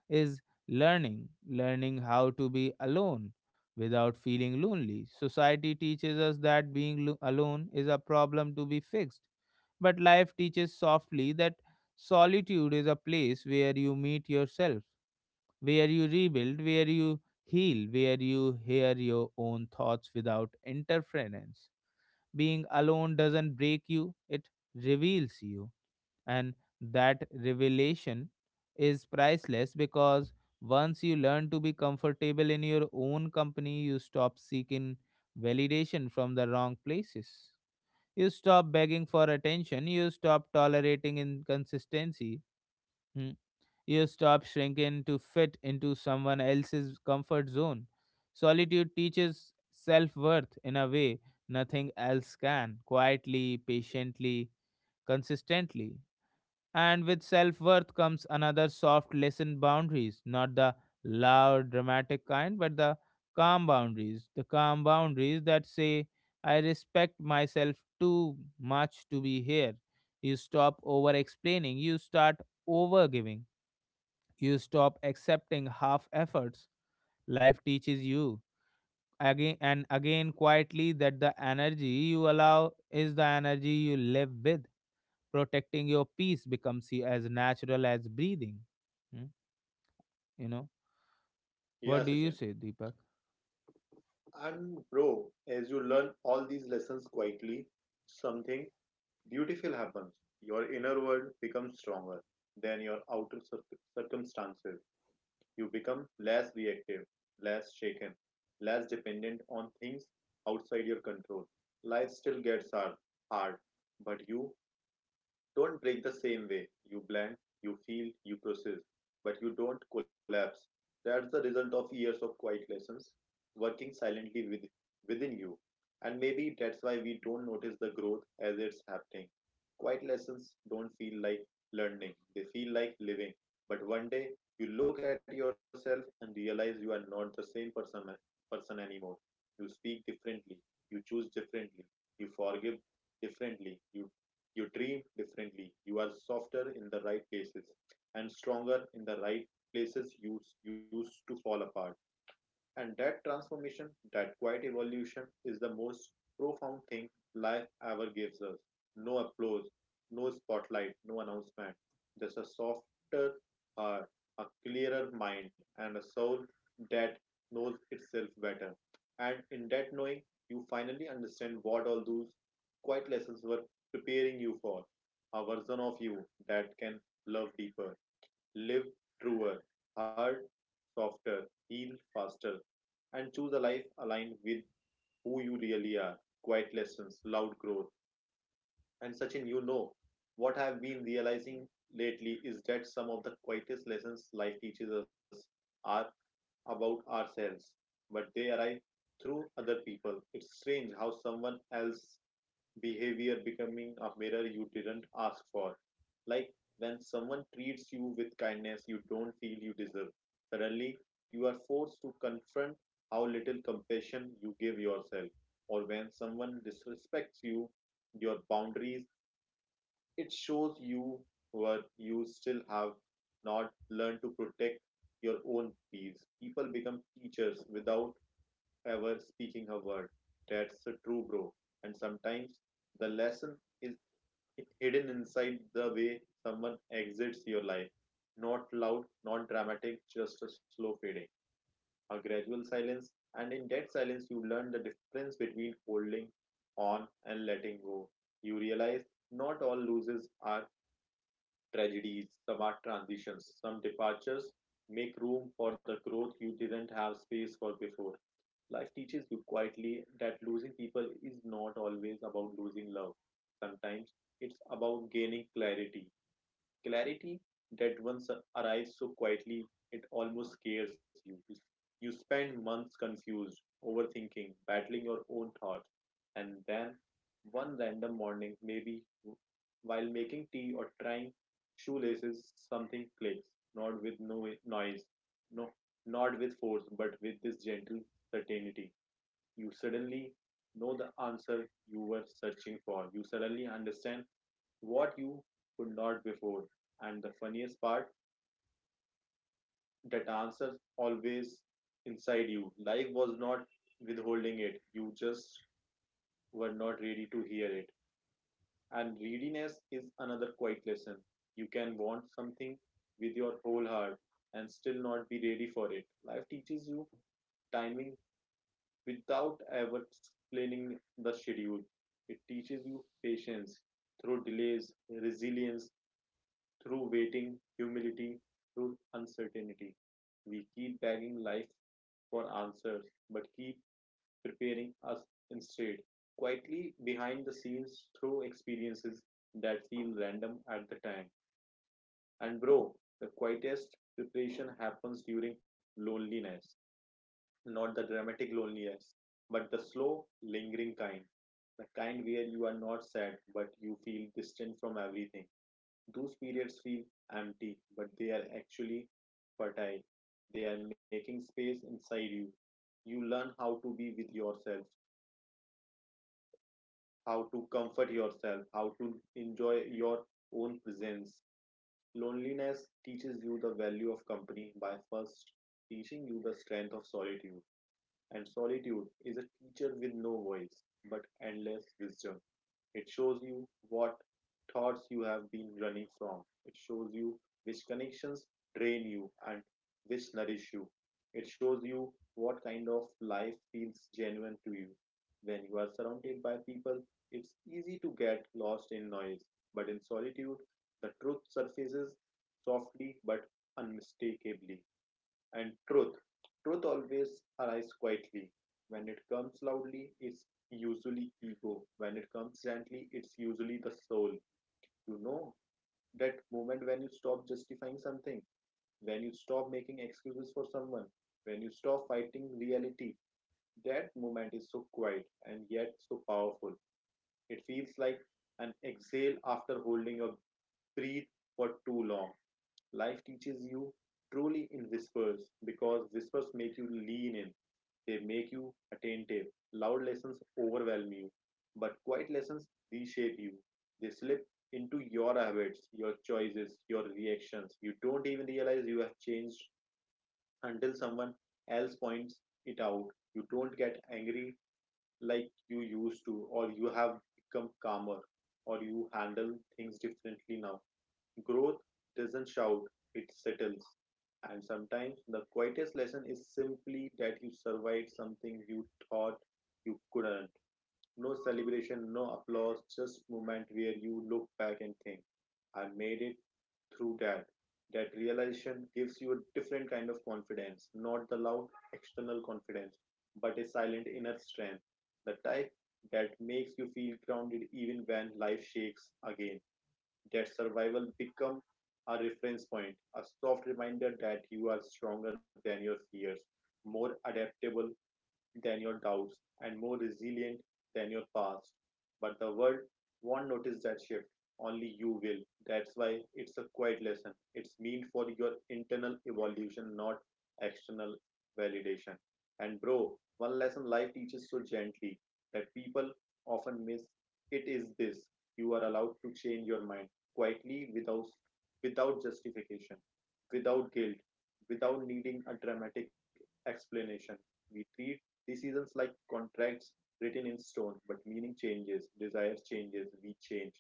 Speaker 1: is learning how to be alone without feeling lonely. Society teaches us that being alone is a problem to be fixed. But life teaches softly that solitude is a place where you meet yourself, where you rebuild, where you heal, where you hear your own thoughts without interference. Being alone doesn't break you, it reveals you. And that revelation is priceless because once you learn to be comfortable in your own company, you stop seeking validation from the wrong places. You stop begging for attention, you stop tolerating inconsistency. hmm, you stop shrinking to fit into someone else's comfort zone. Solitude teaches self worth in a way nothing else can, quietly, patiently, consistently. And with self worth comes another soft lesson: boundaries. Not the loud, dramatic kind, but the calm boundaries. The calm boundaries that say, I respect myself too much to be here. You stop over explaining, you start over giving, you stop accepting half efforts. Life teaches you again and again quietly that the energy you allow is the energy you live with. Protecting your peace becomes as natural as breathing. Hmm? You know, what
Speaker 2: Yeah,
Speaker 1: do you
Speaker 2: Sachin.
Speaker 1: say, Deepak?
Speaker 2: And, bro, as you learn all these lessons quietly, something beautiful happens. Your inner world becomes stronger than your outer circumstances. You become less reactive, less shaken, less dependent on things outside your control. Life still gets hard, but you don't break the same way. You blend, you feel, you process, but you don't collapse. That's the result of years of quiet lessons working silently within you. And maybe that's why we don't notice the growth as it's happening. Quiet lessons don't feel like learning, they feel like living. But one day, you look at yourself and realize you are not the same person anymore. You speak differently, you choose differently, you forgive differently, you dream differently. You are softer in the right places and stronger in the right places you used to fall apart. And that transformation, that quiet evolution, is the most profound thing life ever gives us. No applause, no spotlight, no announcement. Just a softer heart, a clearer mind, and a soul that knows itself better. And in that knowing, you finally understand what all those quiet lessons were preparing you for. A version of you that can love deeper, live truer, hurt softer, heal faster, and choose a life aligned with who you really are. Quiet lessons, loud growth. And Sachin, you know, what I've been realizing lately is that some of the quietest lessons life teaches us are about ourselves, but they arrive through other people. It's strange how someone else behavior becoming a mirror you didn't ask for. Like when someone treats you with kindness you don't feel you deserve, suddenly you are forced to confront how little compassion you give yourself. Or when someone disrespects you, your boundaries, it shows you what you still have not learned to protect your own peace. People become teachers without ever speaking her word. That's a true, bro. And sometimes the lesson is hidden inside the way someone exits your life. Not loud, not dramatic, just a slow fading, a gradual silence. And in that silence, you learn the difference between holding on and letting go. You realize not all losses are tragedies, some are transitions, some departures make room for the growth you didn't have space for before. Life teaches you quietly that losing people is not always about losing love. Sometimes it's about gaining clarity. Clarity that once arrives so quietly it almost scares you. You spend months confused, overthinking, battling your own thoughts, and then one random morning, maybe while making tea or trying shoelaces, something clicks, not with no noise, no, not with force, but with this gentle certainty you suddenly know the answer you were searching for. You suddenly understand what you could not before. And the funniest part, that answer always inside you. Life was not withholding it. You just were not ready to hear it. And readiness is another quiet lesson. You can want something with your whole heart and still not be ready for it. Life teaches you timing without ever explaining the schedule. It teaches you patience through delays, resilience through waiting, humility through uncertainty. We keep begging life for answers, but keep preparing us instead, quietly behind the scenes through experiences that feel random at the time. And bro, the quietest preparation happens during loneliness, not the dramatic loneliness, but the slow, lingering kind. The kind where you are not sad, but you feel distant from everything. Those periods feel empty, but they are actually fertile. They are making space inside you. You learn how to be with yourself, how to comfort yourself, how to enjoy your own presence. Loneliness teaches you the value of company by first teaching you the strength of solitude. And solitude is a teacher with no voice, but endless wisdom. It shows you what thoughts you have been running from. It shows you which connections drain you and which nourish you. It shows you what kind of life feels genuine to you. When you are surrounded by people, it's easy to get lost in noise, but in solitude, the truth surfaces softly but unmistakably. And truth. Truth always arrives quietly. When it comes loudly, it's usually ego. When it comes gently, it's usually the soul. You know, that moment when you stop justifying something, when you stop making excuses for someone, when you stop fighting reality, that moment is so quiet and yet so powerful. It feels like an exhale after holding your breath for too long. Life teaches you truly in whispers because whispers make you lean in, they make you attentive. Loud lessons overwhelm you, but quiet lessons reshape you. They slip into your habits, your choices, your reactions. You don't even realize you have changed until someone else points it out. You don't get angry like you used to, or you have become calmer, or you handle things differently now. Growth doesn't shout, it settles. And sometimes the quietest lesson is simply that you survived something you thought you couldn't. No celebration, no applause, just moment where you look back and think, I made it through that. That realization gives you a different kind of confidence, not the loud external confidence, but a silent inner strength, the type that makes you feel grounded even when life shakes again. That survival become a reference point, a soft reminder that you are stronger than your fears, more adaptable than your doubts, and more resilient than your past. But the world won't notice that shift. Only you will. That's why it's a quiet lesson. It's meant for your internal evolution, not external validation. And bro, one lesson life teaches so gently that people often miss it is this. You are allowed to change your mind quietly, without justification, without guilt, without needing a dramatic explanation. We treat decisions like contracts written in stone, but meaning changes, desires changes, we change.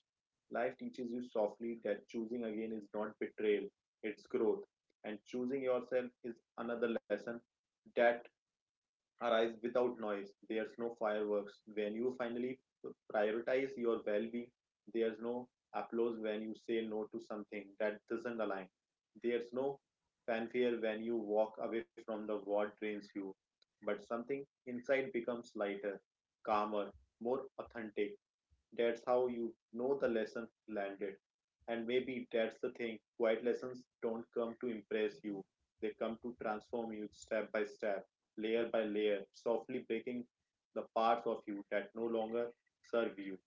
Speaker 2: Life teaches you softly that choosing again is not betrayal, it's growth. And choosing yourself is another lesson that arise without noise. There's no fireworks. When you finally prioritize your well being, there's no applause when you say no to something that doesn't align. There's no fanfare when you walk away from the what drains you. But something inside becomes lighter, calmer, more authentic. That's how you know the lesson landed. And maybe that's the thing: quiet lessons don't come to impress you, they come to transform you step by step, layer by layer, softly breaking the parts of you that no longer serve you,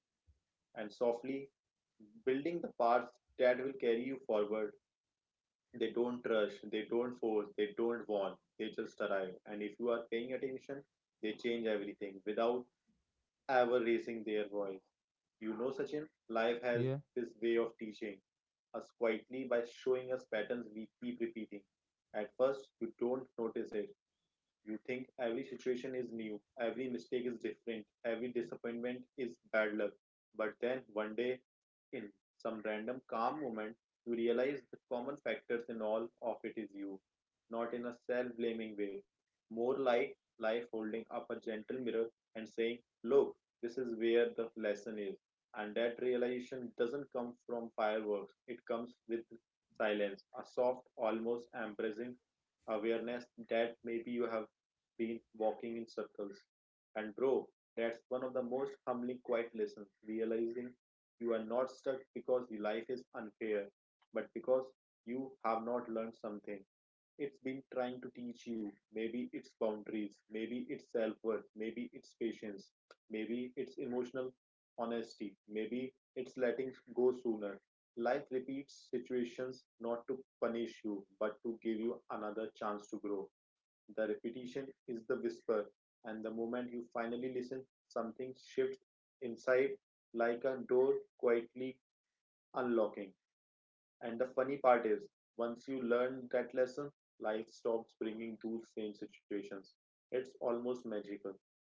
Speaker 2: and softly building the parts that will carry you forward. They don't rush, they don't force, they don't want, they just arrive. And if you are paying attention, they change everything without ever raising their voice. You know, Sachin, life has
Speaker 1: Yeah,
Speaker 2: this way of teaching us quietly by showing us patterns we keep repeating. At first, you don't notice it. You think every situation is new, every mistake is different, every disappointment is bad luck. But then one day, in some random calm moment, you realize the common factors in all of it is you. Not in a self blaming way, more like life holding up a gentle mirror and saying, look, this is where the lesson is. And that realization doesn't come from fireworks, it comes with silence, a soft, almost embracing awareness that maybe you have been walking in circles. And bro, that's one of the most humbling quiet lessons, realizing you are not stuck because life is unfair, but because you have not learned something. It's been trying to teach you. Maybe it's boundaries, maybe it's self worth, maybe it's patience, maybe it's emotional honesty, maybe it's letting go sooner. Life repeats situations not to punish you, but to give you another chance to grow. The repetition is the whisper, and the moment you finally listen, something shifts inside like a door quietly unlocking. And the funny part is, once you learn that lesson, life stops bringing those same situations. It's almost magical.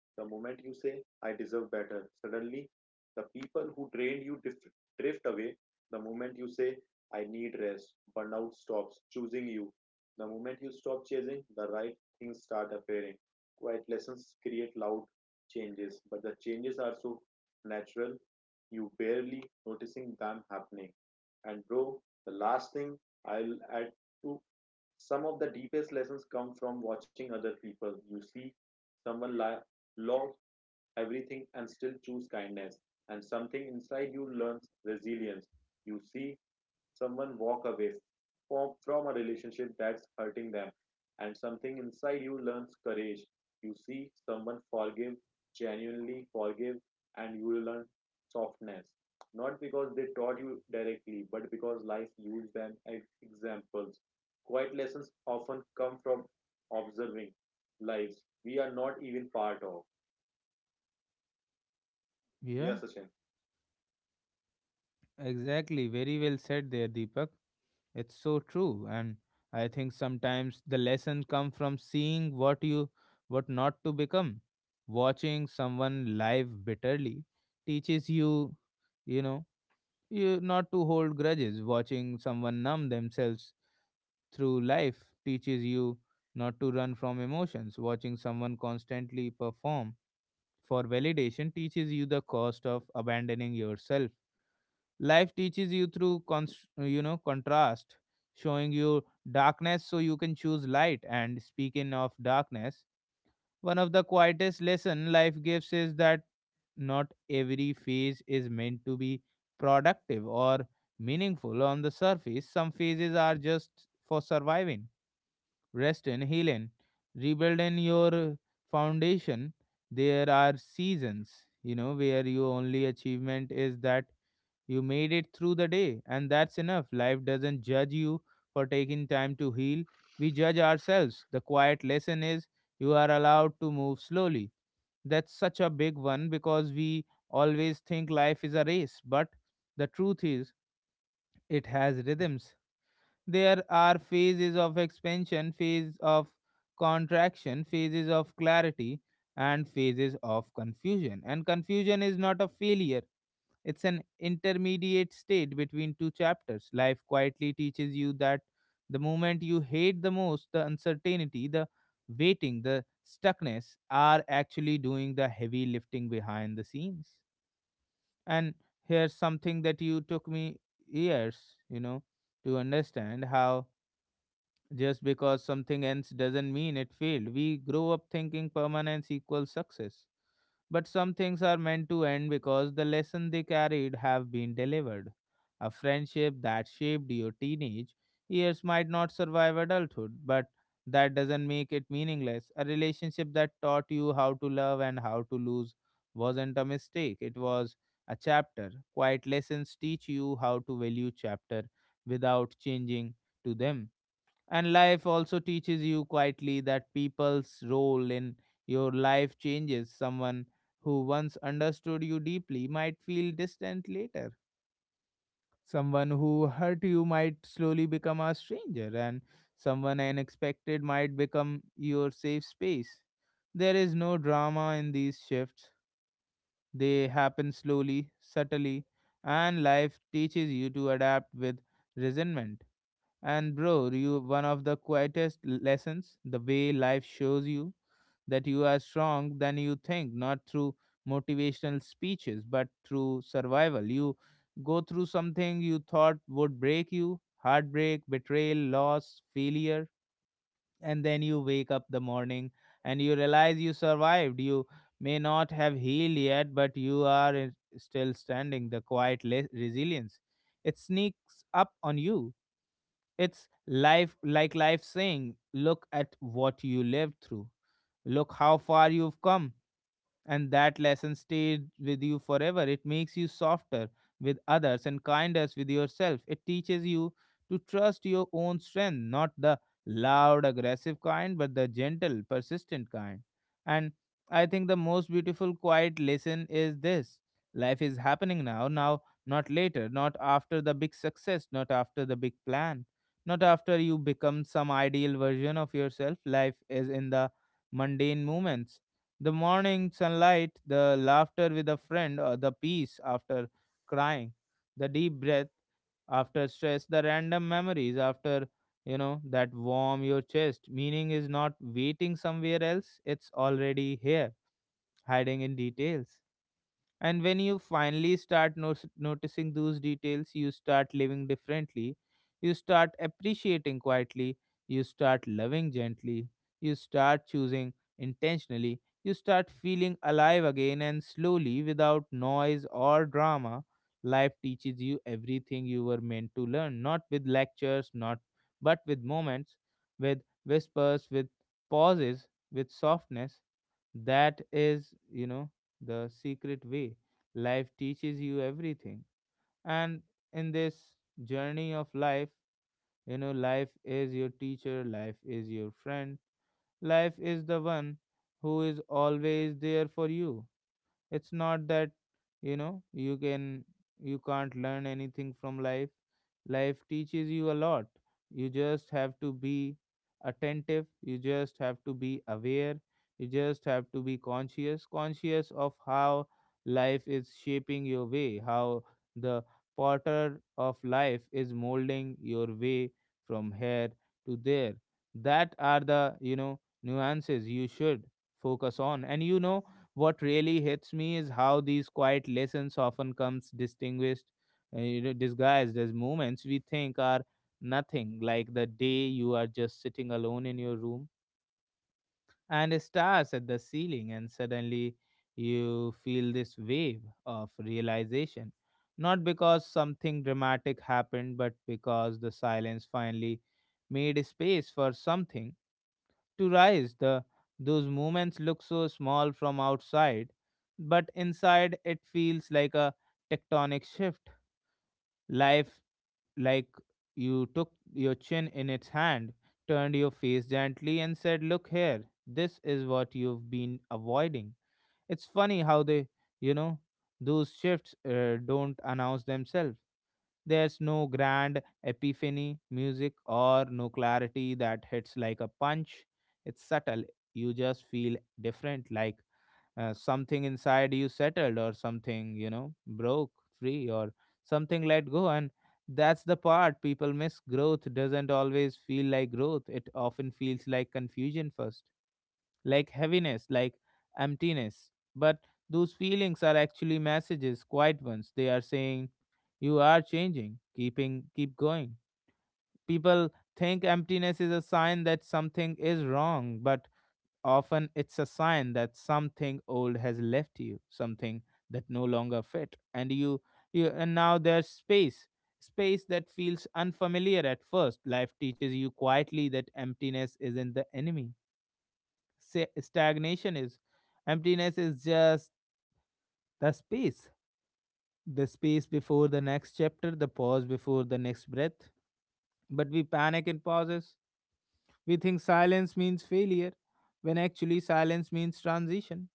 Speaker 2: The moment you say, I deserve better, suddenly the people who drained you drift away. The moment you say, I need rest, burnout stops choosing you. The moment you stop chasing, the right things start appearing. Quiet lessons create loud changes, but the changes are so natural, you barely noticing them happening. And bro, the last thing I'll add to: some of the deepest lessons come from watching other people. You see someone lie, log everything and still choose kindness, and something inside you learns resilience. You see someone walk away from a relationship that's hurting them and something inside you learns courage. You see someone forgive, genuinely forgive, and you will learn softness, not because they taught you directly but because life used them as examples. Quiet lessons often come from observing lives we are not even part of.
Speaker 1: yeah,
Speaker 2: Yes, Sachin.
Speaker 1: exactly. Very well said there, Deepak. It's so true, and I think sometimes the lesson come from seeing what not to become. Watching someone live bitterly teaches you, you know, not to hold grudges. Watching someone numb themselves through life teaches you not to run from emotions. Watching someone constantly perform for validation teaches you the cost of abandoning yourself. Life teaches you through contrast, showing you darkness so you can choose light. And speaking of darkness, one of the quietest lesson life gives is that not every phase is meant to be productive or meaningful on the surface. Some phases are just for surviving, resting, healing, rebuilding your foundation. There are seasons, where your only achievement is that you made it through the day, and that's enough. Life doesn't judge you for taking time to heal. We judge ourselves. The quiet lesson is you are allowed to move slowly. That's such a big one because we always think life is a race, but the truth is it has rhythms. There are phases of expansion, phase of contraction, phases of clarity, and phases of confusion. And confusion is not a failure, it's an intermediate state between two chapters. Life quietly teaches you that the moment you hate the most, the uncertainty, the waiting, the stuckness are actually doing the heavy lifting behind the scenes. And here's something that you took me years, to understand how just because something ends doesn't mean it failed. We grow up thinking permanence equals success, but some things are meant to end because the lesson they carried have been delivered. A friendship that shaped your teenage years might not survive adulthood, but that doesn't make it meaningless. A relationship that taught you how to love and how to lose wasn't a mistake, it was a chapter. Quiet lessons teach you how to value chapter without changing to them. And life also teaches you quietly that people's role in your life changes. Someone who once understood you deeply might feel distant later. Someone who hurt you might slowly become a stranger, and someone unexpected might become your safe space. There is no drama in these shifts. They happen slowly, subtly, and life teaches you to adapt with resentment. And bro, you one of the quietest lessons, the way life shows you that you are strong than you think, not through motivational speeches, but through survival. You go through something you thought would break you, heartbreak, betrayal, loss, failure, and then you wake up the morning and you realize you survived. You may not have healed yet, but you are still standing. The quiet resilience. It sneaks up on you. It's life, like life saying, look at what you lived through. Look how far you've come, and that lesson stayed with you forever. It makes you softer with others and kinder with yourself. It teaches you to trust your own strength, not the loud, aggressive kind, but the gentle, persistent kind. And I think the most beautiful, quiet lesson is this: life is happening now, now, not later, not after the big success, not after the big plan, not after you become some ideal version of yourself. Life is in the mundane moments, the morning sunlight, the laughter with a friend, or the peace after crying, the deep breath after stress, the random memories after, that warm your chest. Meaning is not waiting somewhere else, it's already here, hiding in details. And when you finally start noticing those details, you start living differently. You start appreciating quietly. You start loving gently. You start choosing intentionally. You start feeling alive again and slowly, without noise or drama, life teaches you everything you were meant to learn. Not with lectures, not but with moments, with whispers, with pauses, with softness. That is, the Secret Way. Life teaches you everything. And in this journey of life, life is your teacher, life is your friend, life is the one who is always there for you. It's not that you know you can you can't learn anything from life. Life teaches you a lot. You just have to be attentive. You just have to be aware. You just have to be conscious, conscious of how life is shaping your way, how the potter of life is molding your way from here to there. That are the nuances you should focus on. And what really hits me is how these quiet lessons often comes disguised as moments we think are nothing, like the day you are just sitting alone in your room and stars at the ceiling and suddenly you feel this wave of realization not because something dramatic happened but because the silence finally made space for something to rise. The Those moments look so small from outside, but inside it feels like a tectonic shift. Life, like you took your chin in its hand, turned your face gently and said, "Look here. This is what you've been avoiding." It's funny how they, you know, those shifts don't announce themselves. There's no grand epiphany music or no clarity that hits like a punch. It's subtle. You just feel different, like something inside you settled or something, broke free or something let go. And that's the part people miss. Growth doesn't always feel like growth, it often feels like confusion first, like heaviness, like emptiness. But those feelings are actually messages, quiet ones. They are saying, you are changing, keep going. People think emptiness is a sign that something is wrong, but often it's a sign that something old has left you, something that no longer fit. And you and now there's space, space that feels unfamiliar at first. Life teaches you quietly that emptiness isn't the enemy. Stagnation is. Emptiness is just the space, the space before the next chapter, the pause before the next breath. But we panic in pauses. We think silence means failure, when actually silence means transition.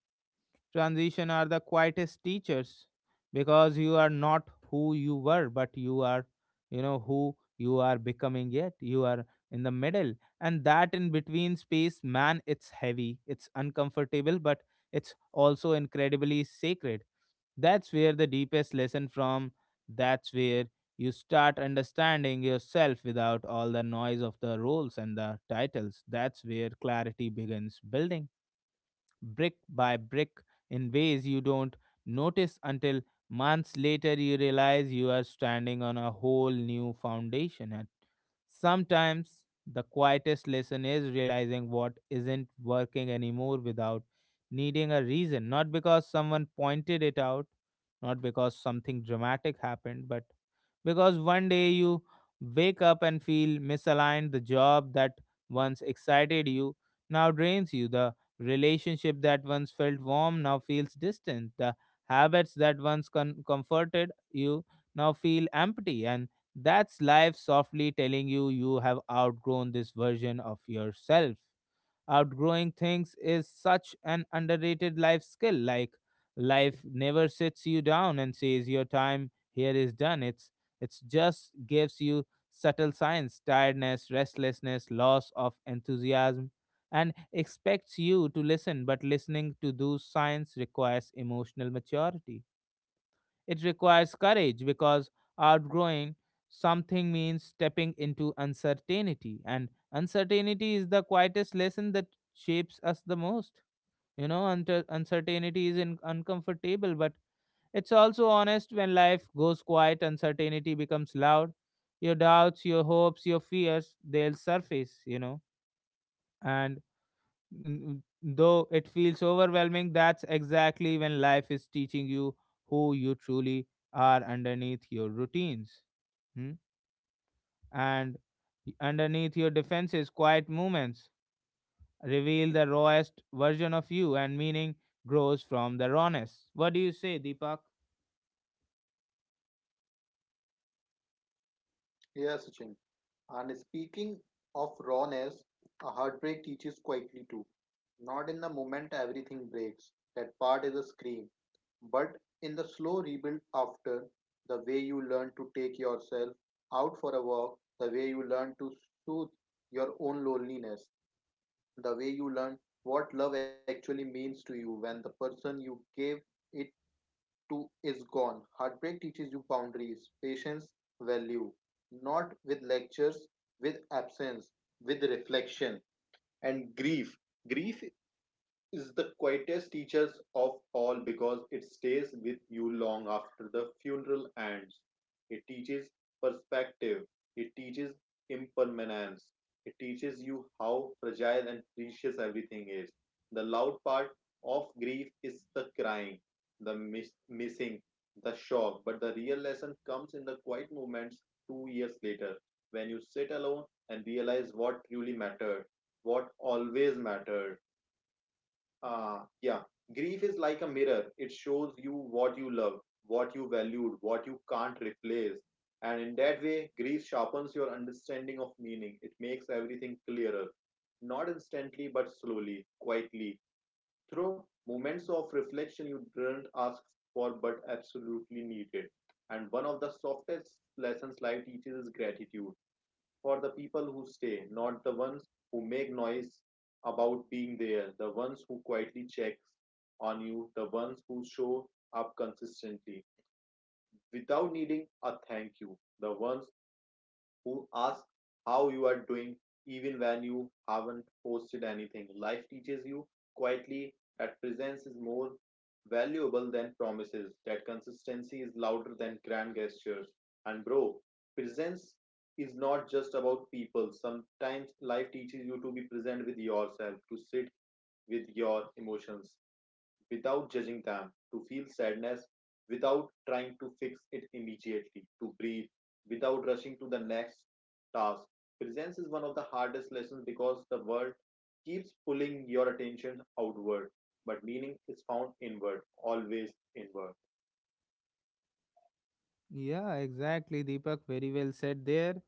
Speaker 1: Transition are the quietest teachers because you are not who you were, but you are, who you are becoming yet. You are in the middle. And that in between space, man, it's heavy, it's uncomfortable, but it's also incredibly sacred. That's where the deepest lesson from That's where you start understanding yourself without all the noise of the roles and the titles. That's where clarity begins building brick by brick in ways you don't notice until months later you realize you are standing on a whole new foundation. And sometimes the quietest lesson is realizing what isn't working anymore without needing a reason, not because someone pointed it out, not because something dramatic happened, but because one day you wake up and feel misaligned. The job that once excited you now drains you. The relationship that once felt warm now feels distant. The habits that once comforted you now feel empty. And that's life softly telling you you have outgrown this version of yourself. Outgrowing things is such an underrated life skill. Like, life never sits you down and says your time here is done. It's just gives you subtle signs, tiredness, restlessness, loss of enthusiasm, and expects you to listen. But listening to those signs requires emotional maturity. It requires courage because outgrowing something means stepping into uncertainty, and uncertainty is the quietest lesson that shapes us the most. You know, uncertainty is uncomfortable, but it's also honest. When life goes quiet, uncertainty becomes loud. Your doubts, your hopes, your fears, they'll surface, you know. And though it feels overwhelming, that's exactly when life is teaching you who you truly are underneath your routines. Hmm? And underneath your defenses, quiet movements reveal the rawest version of you, and meaning grows from the rawness. What do you say, Deepak?
Speaker 2: Yeah, Sachin. And speaking of rawness, a heartbreak teaches quietly too. Not in the moment everything breaks, that part is a scream, but in the slow rebuild after, the way you learn to take yourself out for a walk, the way you learn to soothe your own loneliness, the way you learn what love actually means to you when the person you gave it to is gone. Heartbreak teaches you boundaries, patience, value, not with lectures, with absence, with reflection and grief. Grief is the quietest teacher of all because it stays with you long after the funeral ends. It teaches perspective, it teaches impermanence, it teaches you how fragile and precious everything is. The loud part of grief is the crying, the missing, the shock, but the real lesson comes in the quiet moments 2 years later when you sit alone and realize what truly mattered, what always mattered. Yeah, grief is like a mirror. It shows you what you love, what you valued, what you can't replace. And in that way, grief sharpens your understanding of meaning. It makes everything clearer. Not instantly, but slowly, quietly, through moments of reflection you didn't ask for but absolutely needed. And one of the softest lessons life teaches is gratitude for the people who stay, not the ones who make noise about being there, the ones who quietly check on you, the ones who show up consistently without needing a thank you, the ones who ask how you are doing even when you haven't posted anything. Life teaches you quietly that presence is more valuable than promises, that consistency is louder than grand gestures. And bro, presence is not just about people. Sometimes life teaches you to be present with yourself, to sit with your emotions, without judging them, to feel sadness without trying to fix it immediately, to breathe without rushing to the next task. Presence is one of the hardest lessons because the world keeps pulling your attention outward, but meaning is found inward, always inward.
Speaker 1: Yeah, exactly, Deepak. Very well said there.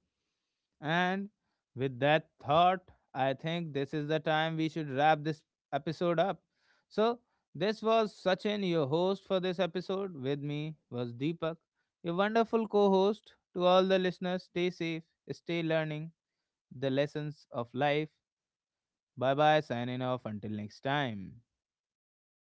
Speaker 1: And with that thought, I think this is the time we should wrap this episode up. So, this was Sachin, your host for this episode. With me was Deepak, your wonderful co host. To all the listeners, stay safe, stay learning the lessons of life. Bye bye, signing off until next time.